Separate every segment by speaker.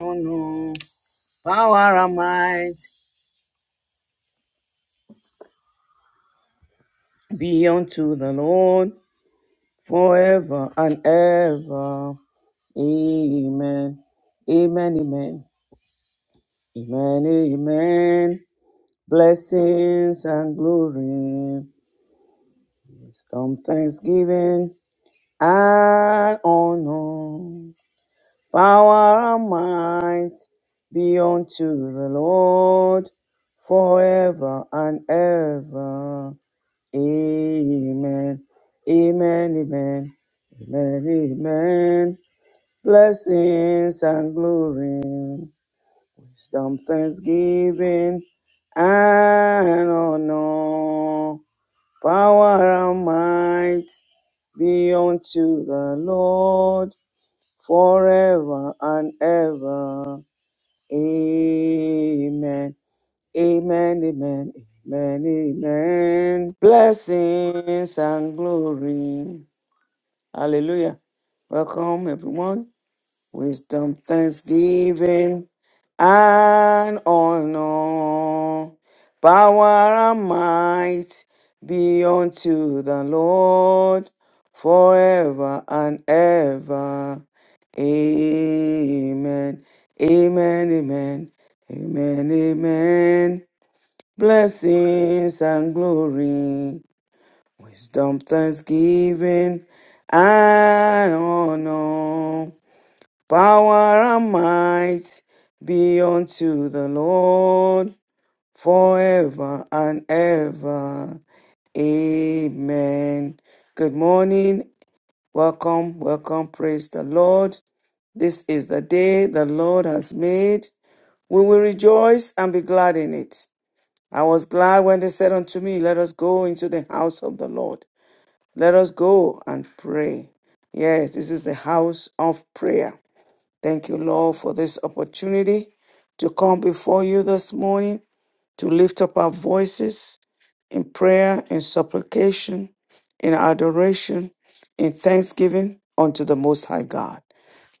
Speaker 1: Oh no power and might be unto the Lord forever and ever. Amen. Amen. Amen. Amen. Amen. Blessings and glory. Wisdom, thanksgiving and honor. Power and might be unto the Lord forever and ever. Amen. Amen. Amen. Amen. Amen. Blessings and glory. Wisdom, thanksgiving and honor. Power and might be unto the Lord forever and ever. Amen. Amen, amen, amen, amen. Blessings and glory. Hallelujah. Welcome, everyone. Wisdom, thanksgiving, and honor. Power and might be unto the Lord forever and ever. Amen. Amen, amen, amen, amen blessings and glory, wisdom, thanksgiving, and honor, power and might be unto the Lord forever and ever. Amen. Good morning. Welcome, welcome. Praise the Lord. This is the day the Lord has made. We will rejoice and be glad in it. I was glad when they said unto me, Let us go into the house of the Lord. Let us go and pray. Yes, this is the house of prayer. Thank you, Lord, for this opportunity to come before you this morning, to lift up our voices in prayer, in supplication, in adoration, in thanksgiving unto the Most High God.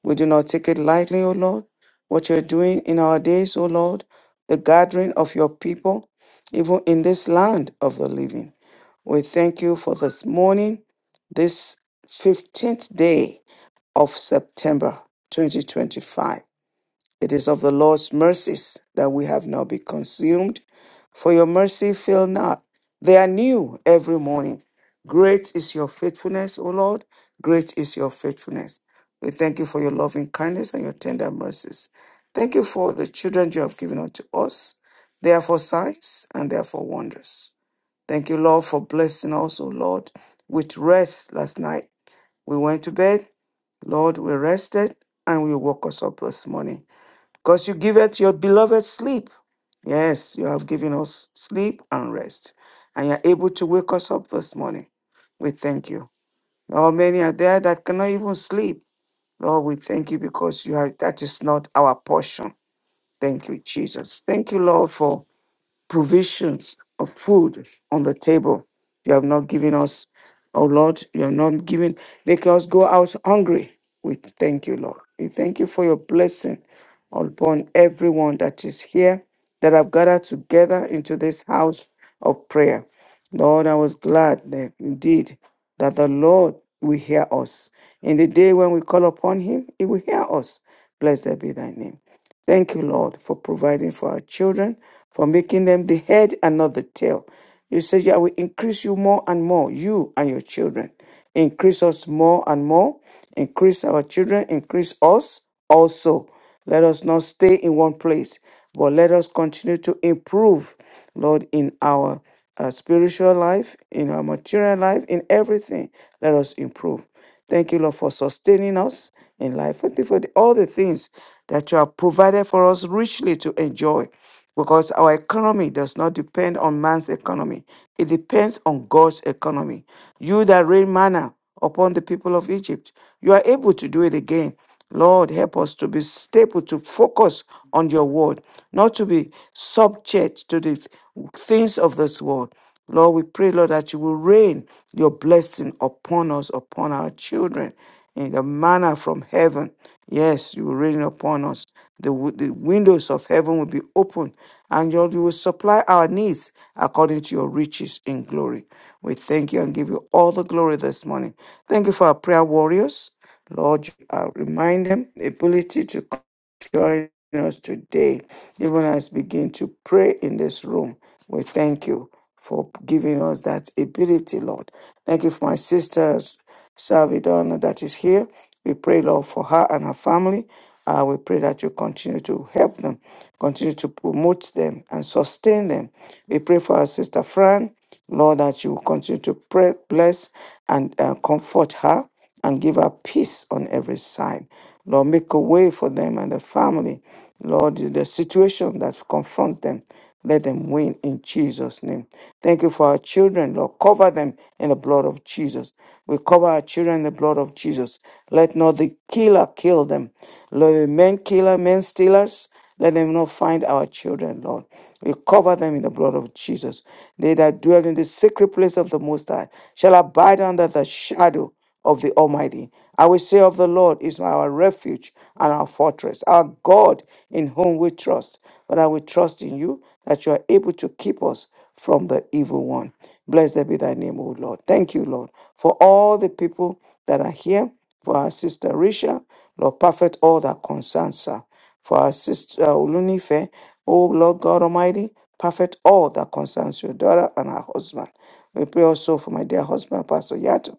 Speaker 1: We do not take it lightly, O Lord, what you're doing in our days, O Lord, the gathering of your people, even in this land of the living. We thank you for this morning, this 15th day of September 2025. It is of the Lord's mercies that we have not been consumed, for your mercy fail not. They are new every morning. Great is your faithfulness, O Lord. Great is your faithfulness. We thank you for your loving kindness and your tender mercies. Thank you for the children you have given unto us. They are for signs and they are for wonders. Thank you, Lord, for blessing us, O Lord, with rest last night. We went to bed, Lord, we rested, and we woke us up this morning because you giveth your beloved sleep. Yes, you have given us sleep and rest, and you're able to wake us up this morning. We thank you. Lord, many are there that cannot even sleep. Lord, we thank you because you have that is not our portion. Thank you, Jesus. Thank you, Lord, for provisions of food on the table. You have not given us, oh Lord, you have not given, make us go out hungry. We thank you, Lord. We thank you for your blessing upon everyone that is here, that have gathered together into this house of prayer. Lord, I was glad that indeed that the Lord will hear us. In the day when we call upon him, he will hear us. Blessed be thy name. Thank you, Lord, for providing for our children, for making them the head and not the tail. You said, I will increase you more and more, you and your children. Increase us more and more. Increase our children. Increase us also. Let us not stay in one place, but let us continue to improve, Lord, in our uh, spiritual life, in our material life, in everything. Let us improve. Thank you, Lord, for sustaining us in life. Thank you for the- all the things that you have provided for us richly to enjoy because our economy does not depend on man's economy. It depends on God's economy. You that rain manna upon the people of Egypt, you are able to do it again. Lord, help us to be stable, to focus on your word, not to be subject to the things of this world. Lord, we pray, Lord, that you will rain your blessing upon us, upon our children, in the manner from heaven. Yes, you will rain upon us. The, wi- the windows of heaven will be open, and Lord, you will supply our needs according to your riches in glory. We thank you and give you all the glory this morning. Thank you for our prayer warriors. Lord, you, uh, remind them the ability to join us today, even as we begin to pray in this room. We thank you for giving us that ability, Lord. Thank you for my sister Salvidona that is here. We pray, Lord, for her and her family. Uh, we pray that you continue to help them, continue to promote them and sustain them. We pray for our sister Fran. Lord, that you will continue to pray, bless and uh, comfort her and give her peace on every side. Lord, make a way for them and the family. Lord, the situation that confronts them, let them win in Jesus' name. Thank you for our children, Lord. Cover them in the blood of Jesus. We cover our children in the blood of Jesus. Let not the killer kill them. Lord, the men killer, men stealers, let them not find our children, Lord. We cover them in the blood of Jesus. They that dwell in the secret place of the Most High shall abide under the shadow of the Almighty. I will say of the Lord is our refuge and our fortress, our God in whom we trust. But I will trust in you that you are able to keep us from the evil one. Blessed be thy name, O Lord. Thank you, Lord, for all the people that are here, for our sister Risha. Lord, perfect all that concerns her. For our sister uh, Olunife, O Lord God Almighty, perfect all that concerns your daughter and her husband. We pray also for my dear husband, Pastor Yato.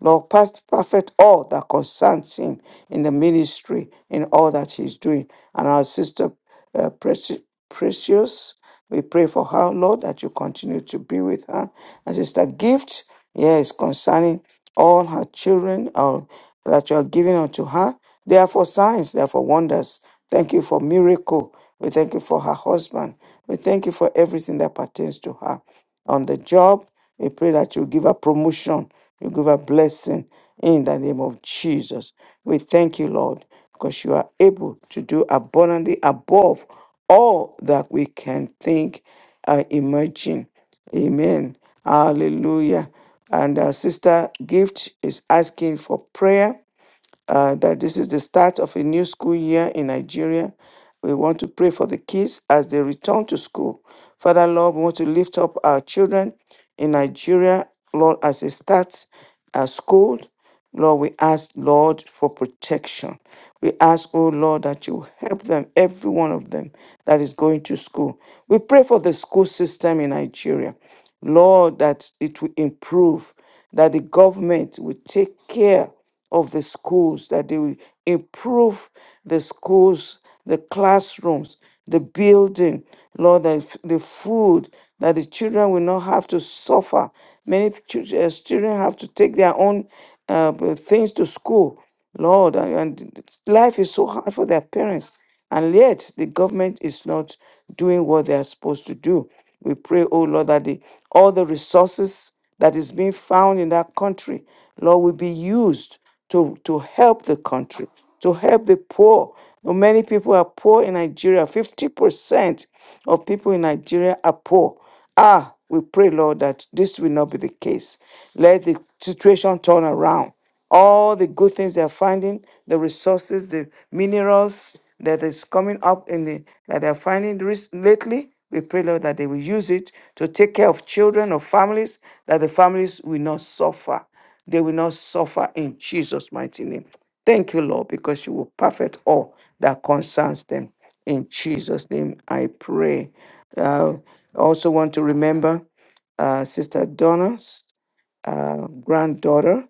Speaker 1: Lord, past perfect all that concerns him in the ministry, in all that he's doing. And our sister, uh, Preci- Precious. We pray for her, Lord, that you continue to be with her. And Sister Gift, yes, concerning all her children uh, that you are giving unto her. They are for signs, they are for wonders. Thank you for miracle. We thank you for her husband. We thank you for everything that pertains to her on the job. We pray that you give her promotion, you give her blessing in the name of Jesus. We thank you, Lord, because you are able to do abundantly above all that we can think or imagine. Amen. Hallelujah. And our sister gift is asking for prayer uh, that this is the start of a new school year in Nigeria. We want to pray for the kids as they return to school. Father, Lord, we want to lift up our children in Nigeria, Lord, as they start uh, school. Lord, we ask, Lord, for protection. We ask, oh Lord, that you help them, every one of them that is going to school. We pray for the school system in Nigeria. Lord, that it will improve that the government will take care of the schools, that they will improve the schools, the classrooms, the building, Lord, the, f- the food, that the children will not have to suffer. Many chil- uh, children have to take their own uh, b- things to school, Lord, and, and life is so hard for their parents. And yet, the government is not doing what they are supposed to do. We pray, oh Lord, that the, all the resources that is being found in that country, Lord, will be used to, to help the country, to help the poor. Now, Many people are poor in Nigeria. 50% of people in Nigeria are poor. Ah, we pray, Lord, that this will not be the case. Let the situation turn around all the good things they're finding, the resources, the minerals that is coming up in the that they're finding rec- lately. We pray, Lord, that they will use it to take care of children or families, that the families will not suffer. They will not suffer in Jesus' mighty name. Thank you, Lord, because you will perfect all that concerns them. In Jesus' name, I pray. Uh, I also want to remember uh, Sister Donna uh, granddaughter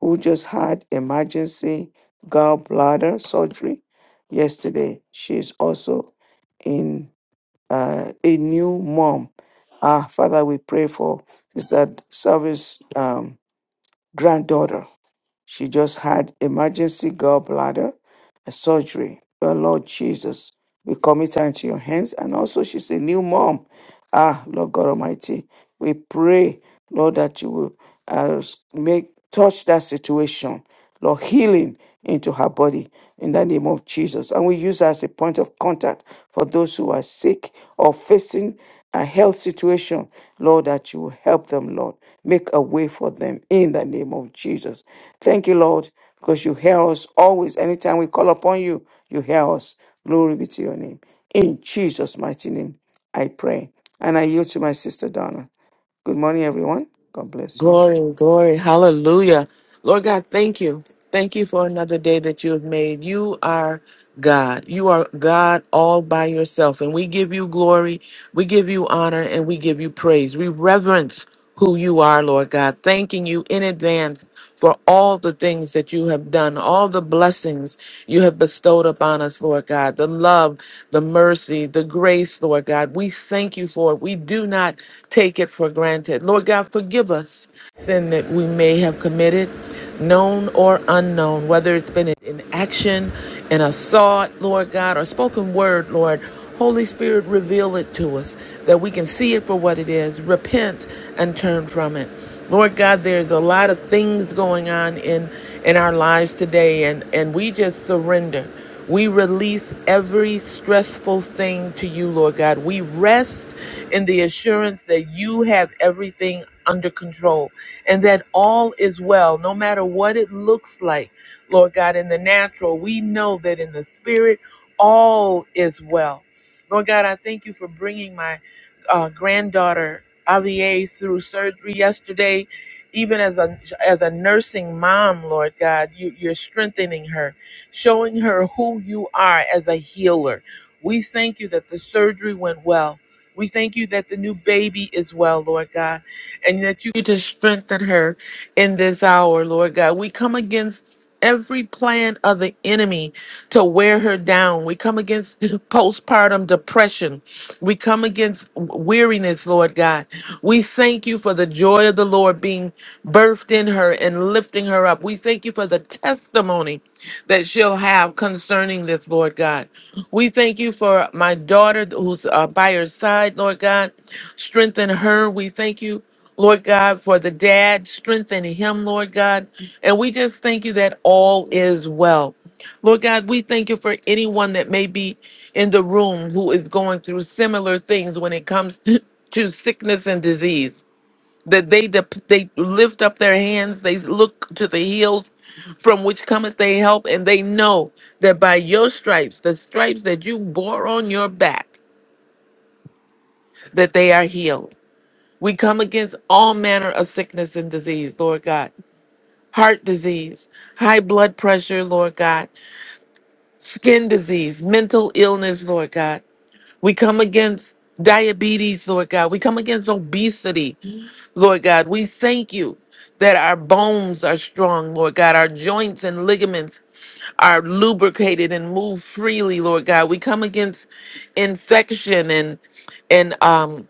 Speaker 1: who just had emergency gallbladder surgery yesterday. She's also in uh, a new mom. Ah, Father, we pray for Sister Service um, granddaughter. She just had emergency gallbladder surgery. Oh, Lord Jesus, we commit her into your hands. And also, she's a new mom. Ah, Lord God Almighty, we pray, Lord, that you will uh, make touch that situation, Lord, healing into her body in the name of Jesus. And we use her as a point of contact for those who are sick or facing a health situation, Lord, that you will help them, Lord. Make a way for them in the name of Jesus. Thank you, Lord, because you hear us always. Anytime we call upon you, you hear us. Glory be to your name. In Jesus' mighty name, I pray. And I yield to my sister Donna. Good morning, everyone. God bless you.
Speaker 2: Glory, glory, hallelujah. Lord God, thank you. Thank you for another day that you have made. You are God. You are God all by yourself. And we give you glory, we give you honor, and we give you praise. We reverence who you are, Lord God, thanking you in advance for all the things that you have done, all the blessings you have bestowed upon us, Lord God, the love love, the mercy, the grace, Lord God. We thank you for it. We do not take it for granted. Lord God, forgive us sin that we may have committed, known or unknown, whether it's been in action, in a thought, Lord God, or spoken word, Lord. Holy Spirit, reveal it to us that we can see it for what it is, repent and turn from it. Lord God, there's a lot of things going on in in our lives today and and we just surrender. We release every stressful thing to you, Lord God. We rest in the assurance that you have everything under control and that all is well, no matter what it looks like, Lord God, in the natural. We know that in the spirit, all is well. Lord God, I thank you for bringing my uh, granddaughter, Avier, through surgery yesterday. Even as a as a nursing mom, Lord God, you, you're strengthening her showing her who you are as a healer. We thank you that the surgery went well. We thank you that the new baby is well, Lord God, and that you to strengthen her in this hour, Lord God. We come against every plan of the enemy to wear her down. We come against postpartum depression. We come against weariness, Lord God. We thank you for the joy of the Lord being birthed in her and lifting her up. We thank you for the testimony that she'll have concerning this, Lord God. We thank you for my daughter who's uh, by her side, Lord God. Strengthen her. We thank you. Lord God, for the dad, strengthen him, Lord God. And we just thank you that all is well. Lord God, we thank you for anyone that may be in the room who is going through similar things when it comes to sickness and disease that they dep they lift up their hands, they look to the hills from which cometh they help, and they know that by your stripes, the stripes that you bore on your back, that they are healed. We come against all manner of sickness and disease, Lord God. Heart disease, high blood pressure, Lord God, skin disease, mental illness, Lord God. We come against diabetes, Lord God. We come against obesity. Lord God, we thank you that our bones are strong, Lord God. Our joints and ligaments are lubricated and move freely, Lord God. We come against infection and and um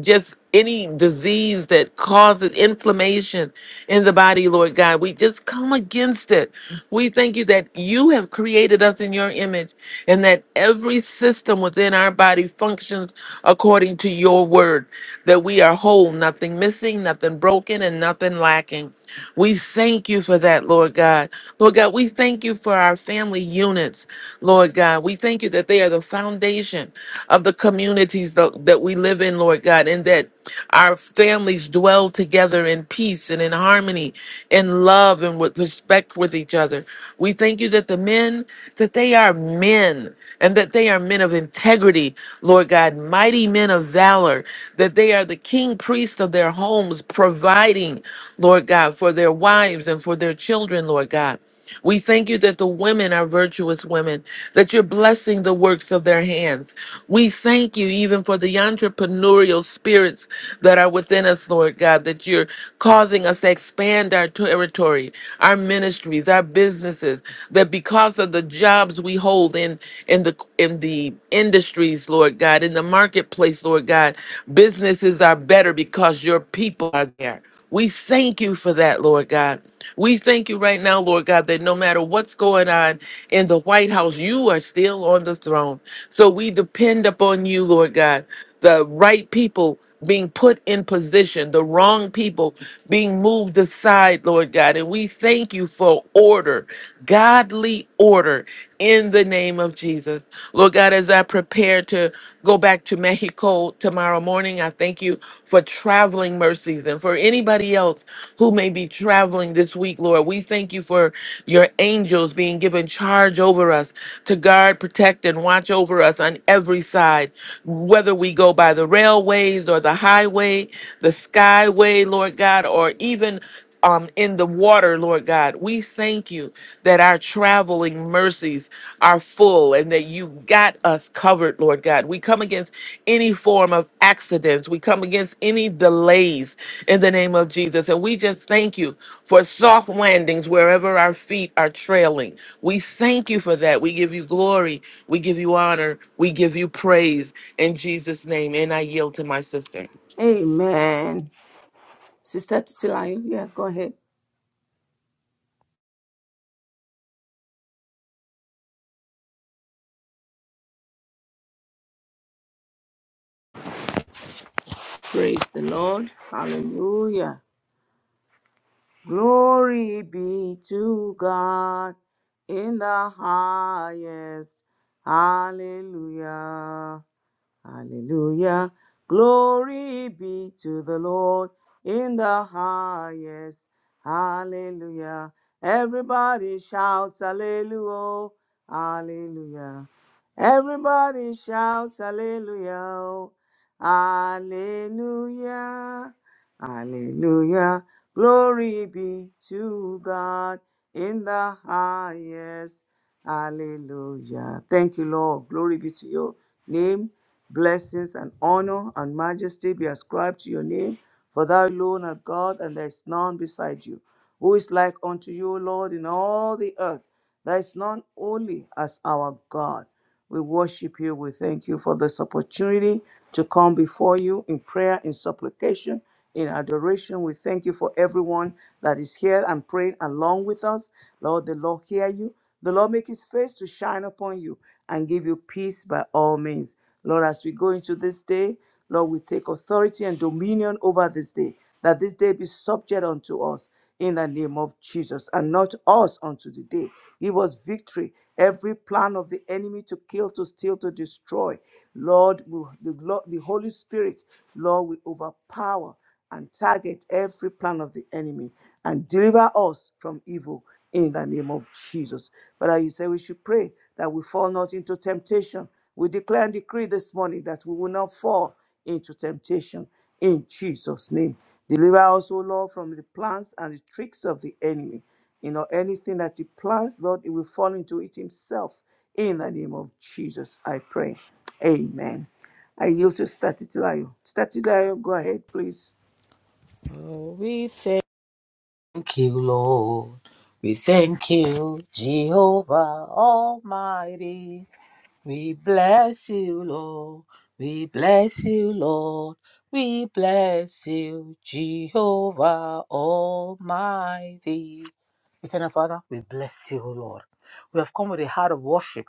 Speaker 2: just any disease that causes inflammation in the body, Lord God. We just come against it. We thank you that you have created us in your image and that every system within our body functions according to your word, that we are whole, nothing missing, nothing broken, and nothing lacking. We thank you for that, Lord God. Lord God, we thank you for our family units, Lord God. We thank you that they they are the foundation of the communities tho- that we live in, Lord God, and that our families dwell together in peace and in harmony, in love and with respect with each other. We thank you that the men, that they are men and that they are men of integrity, Lord God, mighty men of valor, that they are the king priests of their homes, providing, Lord God, for their wives and for their children, Lord God. We thank you that the women are virtuous women, that you're blessing the works of their hands. We thank you even for the entrepreneurial spirits that are within us, Lord God, that you're causing us to expand our territory, our ministries, our businesses, that because of the jobs we hold in in the in the industries, Lord God, in the marketplace, Lord God, businesses are better because your people are there. We thank you for that, Lord God. We thank you right now, Lord God, that no matter what's going on in the White House, you are still on the throne. So we depend upon you, Lord God, the right people being put in position, the wrong people being moved aside, Lord God. And we thank you for order, godly order in the name of Jesus. Lord God, as I prepare to go back to Mexico tomorrow morning, I thank you for traveling mercies and for anybody else who may be traveling this week, Lord. We thank you for your angels being given charge over us to guard, protect, and watch over us on every side, whether we go by the railways or the highway, the skyway, Lord God, or even um, in the water, Lord God. We thank you that our traveling mercies are full and that you got us covered, Lord God. We come against any form of accidents, we come against any delays in the name of Jesus. And we just thank you for soft landings wherever our feet are trailing. We thank you for that. We give you glory, we give you honor, we give you praise in Jesus' name. And I yield to my sister.
Speaker 3: Amen. Sister Titilayo, yeah, go ahead. Praise the Lord. Hallelujah. Glory be to God in the highest. Hallelujah. Hallelujah. Glory be to the Lord in the highest. Hallelujah. Everybody shouts hallelujah. Hallelujah. Everybody shouts hallelujah. Hallelujah. Hallelujah. Glory be to God in the highest. Hallelujah. Thank you, Lord. Glory be to your name. Blessings and honor and majesty be ascribed to your name, for thou alone art God, and there is none beside you. Who is like unto you, Lord, in all the earth? There is none holy as our God. We worship you. We thank you for this opportunity to come before you in prayer, in supplication, in adoration. We thank you for everyone that is here and praying along with us. Lord, the Lord hear you. The Lord make his face to shine upon you and give you peace by all means. Lord, as we go into this day, Lord, we take authority and dominion over this day, that this day be subject unto us in the name of Jesus and not us unto the day. Give us victory. Every plan of the enemy to kill, to steal, to destroy. Lord, we, the, Lord- the Holy Spirit, Lord, we overpower and target every plan of the enemy and deliver us from evil in the name of Jesus. But you say we should pray that we fall not into temptation. We declare and decree this morning that we will not fall into temptation in Jesus' name. Deliver us, O Lord, from the plans and the tricks of the enemy. You know, anything that he plans, Lord, it will fall into it himself. In the name of Jesus, I pray. Amen. I yield to Statistilayo. Statistilayo, go ahead, please.
Speaker 4: Oh, we thank you, Lord. We thank you, Jehovah Almighty. We bless you, Lord. We bless you, Lord. We bless you, Jehovah Almighty. Eternal Father, we bless you, O Lord. We have come with a heart of worship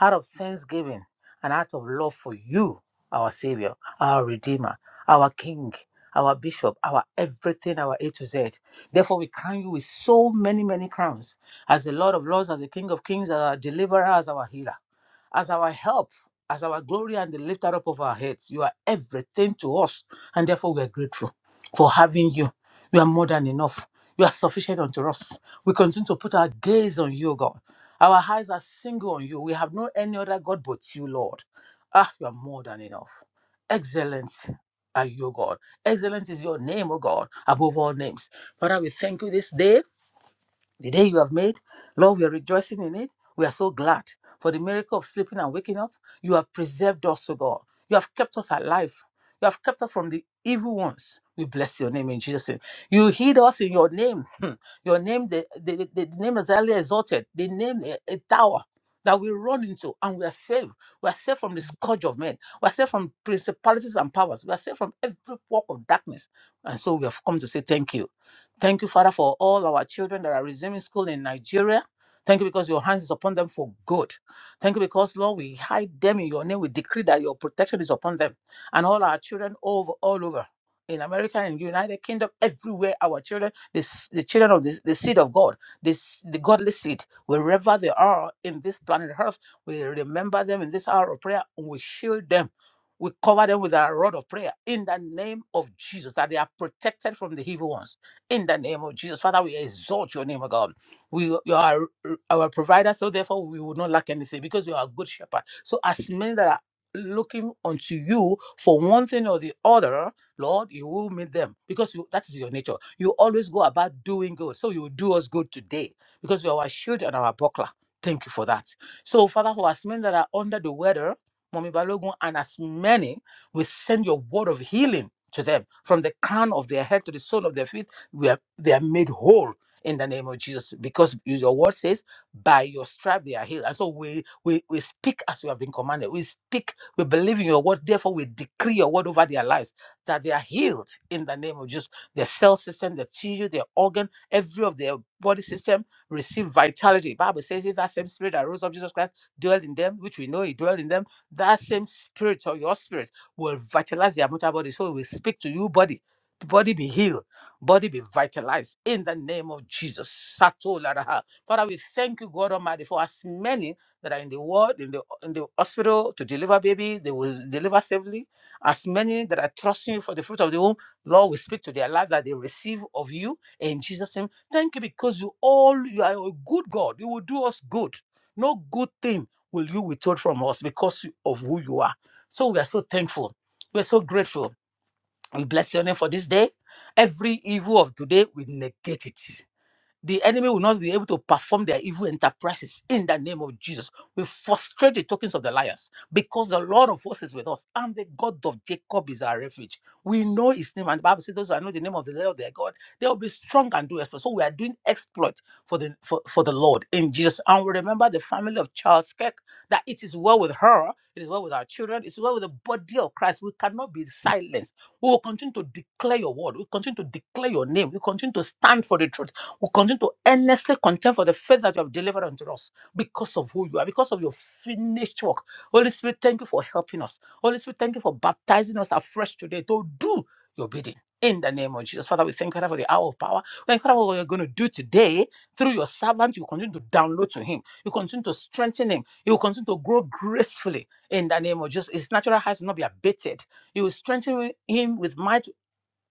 Speaker 4: out of thanksgiving and out of love for you, our Savior, our Redeemer, our King, our Bishop, our everything, our A to Z. Therefore, we crown you with so many, many crowns as the Lord of Lords, as the King of Kings, as our Deliverer, as our Healer, as our help. As our glory and the lifter up of our heads, you are everything to us, and therefore we are grateful for having you. You are more than enough. You are sufficient unto us. We continue to put our gaze on you, God. Our eyes are single on you. We have no any other God but you, Lord. Ah, you are more than enough. Excellent are you, God. Excellent is your name, O God, above all names. Father, we thank you this day. The day you have made, Lord, we are rejoicing in it. We are so glad for the miracle of sleeping and waking up. You have preserved us, O God. You have kept us alive. You have kept us from the evil ones. We bless your name in Jesus' name. You hid us in your name. Hmm. Your name, the, the, the, the name is highly exalted. The name, a, a tower that we run into and we are saved. We are saved from the scourge of men. We are saved from principalities and powers. We are saved from every walk of darkness. And so we have come to say thank you. Thank you, Father, for all our children that are resuming school in Nigeria. Thank you because your hands is upon them for good. Thank you because, Lord, we hide them in your name. We decree that your protection is upon them and all our children over all over in America and United Kingdom, everywhere our children, the, s- the children of this, the seed of God, this the godly seed, wherever they are in this planet Earth, we remember them in this hour of prayer and we shield them. We cover them with our rod of prayer in the name of Jesus, that they are protected from the evil ones in the name of Jesus. Father, we exalt your name, O God. We, you are our provider, so therefore we will not lack anything because you are a good shepherd. So, as many that are looking unto you for one thing or the other, Lord, you will meet them because you, that is your nature. You always go about doing good. So, you will do us good today because you are our shield and our buckler. Thank you for that. So, Father, for as many that are under the weather, Mommy Balogun, and as many, we send your word of healing to them from the crown of their head to the sole of their feet we are, they are made whole in the name of Jesus because your word says, by your stripe they are healed. And so we, we, we speak as we have been commanded. We speak, we believe in your word. Therefore, we decree your word over their lives that they are healed in the name of Jesus. Their cell system, their tissue, their organ, every of their body system receive vitality. Bible says, if that same spirit that rose up Jesus Christ dwell in them, which we know he dwell in them, that same spirit or your spirit will vitalize their mortal body. So we speak to you, body. The body be healed body be vitalized in the name of Jesus. Sato Father, we thank you, God Almighty, for as many that are in the world, in the in the hospital to deliver baby, they will deliver safely. As many that are trusting you for the fruit of the womb, Lord, we speak to their life that they receive of you in Jesus' name. Thank you because you all you are a good God. You will do us good. No good thing will you withhold from us because of who you are. So we are so thankful. We're so grateful we bless your name for this day. Every evil of today, we negate it. The enemy will not be able to perform their evil enterprises in the name of Jesus. We frustrate the tokens of the liars because the Lord of hosts is with us and the God of Jacob is our refuge. We know his name, and the Bible says, Those who know the name of the Lord their God, they will be strong and do exploit. So we are doing exploit for the for, for the Lord in Jesus. And we remember the family of Charles Kirk that it is well with her, it is well with our children, it is well with the body of Christ. We cannot be silenced. We will continue to declare your word. We continue to declare your name. We continue to stand for the truth we continue to earnestly contend for the faith that you have delivered unto us because of who you are, because of your finished work. Holy Spirit, thank you for helping us. Holy Spirit, thank you for baptizing us afresh today to do your bidding. In the name of Jesus. Father, we thank you Father, for the hour of power. We thank you Father, for what you're going to do today through your servant. You continue to download to him. You continue to strengthen him. You will continue to grow gracefully in the name of Jesus. His natural height will not be abated. You will strengthen him with might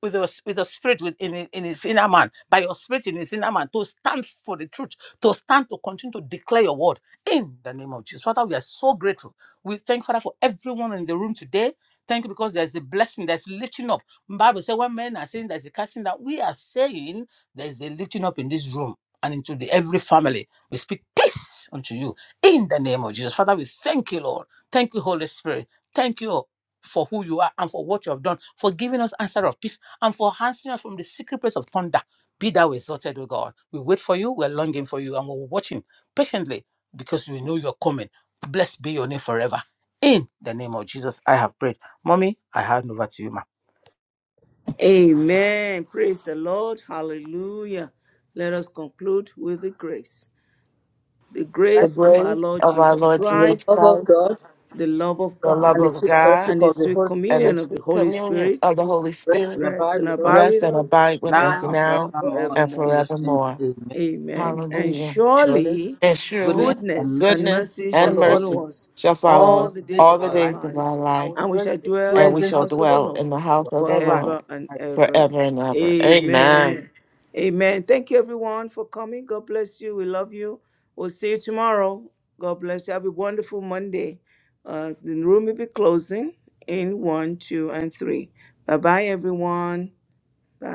Speaker 4: with your s- with your spirit within in in his inner man, by your spirit in his inner man, to stand for the truth, to stand to continue to declare your word in the name of Jesus. Father, we are so grateful. We thank Father for everyone in the room today. Thank you because there's a blessing, there's lifting up. Bible says when men are saying there's a casting down, we are saying there's a lifting up in this room and into the every family. We speak peace unto you in the name of Jesus. Father, we thank you, Lord. Thank you, Holy Spirit. Thank you for who you are and for what you have done, for giving us answer of peace and for answering us from the secret place of thunder. Be thou exalted, O God. We wait for you, we're longing for you, and we're watching patiently because we know you're coming. Blessed be your name forever. In the name of Jesus, I have prayed. Mommy, I hand over to you, ma.
Speaker 3: Amen. Praise the Lord. Hallelujah. Let us conclude with the grace. The
Speaker 2: The
Speaker 4: Right?
Speaker 3: grace of our
Speaker 2: grace
Speaker 3: Lord
Speaker 2: of our
Speaker 3: Jesus
Speaker 2: Lord
Speaker 4: The
Speaker 2: Jesus
Speaker 3: Christ,
Speaker 4: love of
Speaker 2: Christ
Speaker 4: God
Speaker 3: the love of
Speaker 2: The love
Speaker 3: God,
Speaker 4: and the
Speaker 2: of
Speaker 4: sweet
Speaker 2: God
Speaker 3: and
Speaker 4: fellowship
Speaker 3: the
Speaker 4: of the
Speaker 3: sweet
Speaker 4: Holy
Speaker 2: and the
Speaker 3: communion
Speaker 4: Spirit
Speaker 3: of the
Speaker 2: sweet
Speaker 3: Holy
Speaker 2: communion
Speaker 3: Spirit
Speaker 2: of the Holy
Speaker 4: rest
Speaker 2: Spirit
Speaker 4: and
Speaker 3: rest
Speaker 4: abide
Speaker 3: and
Speaker 4: with
Speaker 3: abide
Speaker 4: us.
Speaker 3: with
Speaker 2: rest and
Speaker 3: us
Speaker 2: abide with
Speaker 4: Now
Speaker 2: us
Speaker 4: and
Speaker 3: now and
Speaker 2: now
Speaker 4: forevermore.
Speaker 2: and
Speaker 4: In
Speaker 3: forevermore.
Speaker 4: Jesus' name,
Speaker 2: forevermore.
Speaker 4: amen.
Speaker 3: Amen. And
Speaker 2: Hallelujah.
Speaker 4: Surely,
Speaker 3: surely
Speaker 2: And
Speaker 4: goodness
Speaker 2: surely
Speaker 3: goodness
Speaker 4: and mercy
Speaker 3: and
Speaker 2: goodness
Speaker 3: mercy shall
Speaker 2: and
Speaker 4: follow us
Speaker 2: mercy
Speaker 3: follow us
Speaker 2: shall follow
Speaker 3: all
Speaker 4: all
Speaker 2: us
Speaker 3: the
Speaker 4: the days
Speaker 3: days
Speaker 2: all
Speaker 4: of
Speaker 3: of
Speaker 2: the
Speaker 4: our
Speaker 3: our
Speaker 4: life.
Speaker 2: days of our
Speaker 3: lives,
Speaker 4: I
Speaker 2: life,
Speaker 4: will
Speaker 3: and we
Speaker 4: dwell in
Speaker 3: shall
Speaker 4: the
Speaker 3: dwell
Speaker 2: and
Speaker 3: in the
Speaker 2: we
Speaker 4: presence
Speaker 2: shall
Speaker 4: of
Speaker 3: house
Speaker 4: the
Speaker 3: of the
Speaker 4: Lord
Speaker 2: dwell in
Speaker 3: Lord
Speaker 2: the house of the
Speaker 4: forever and ever.
Speaker 3: forever
Speaker 2: Lord
Speaker 3: and ever.
Speaker 2: forever and ever. Amen.
Speaker 3: Amen. Amen. Thank you, everyone, for coming. God bless you. We love you. We'll see you tomorrow. God bless you. Have a wonderful Monday. Uh, the room will be closing in one, two, and three. Bye bye, everyone. Yeah.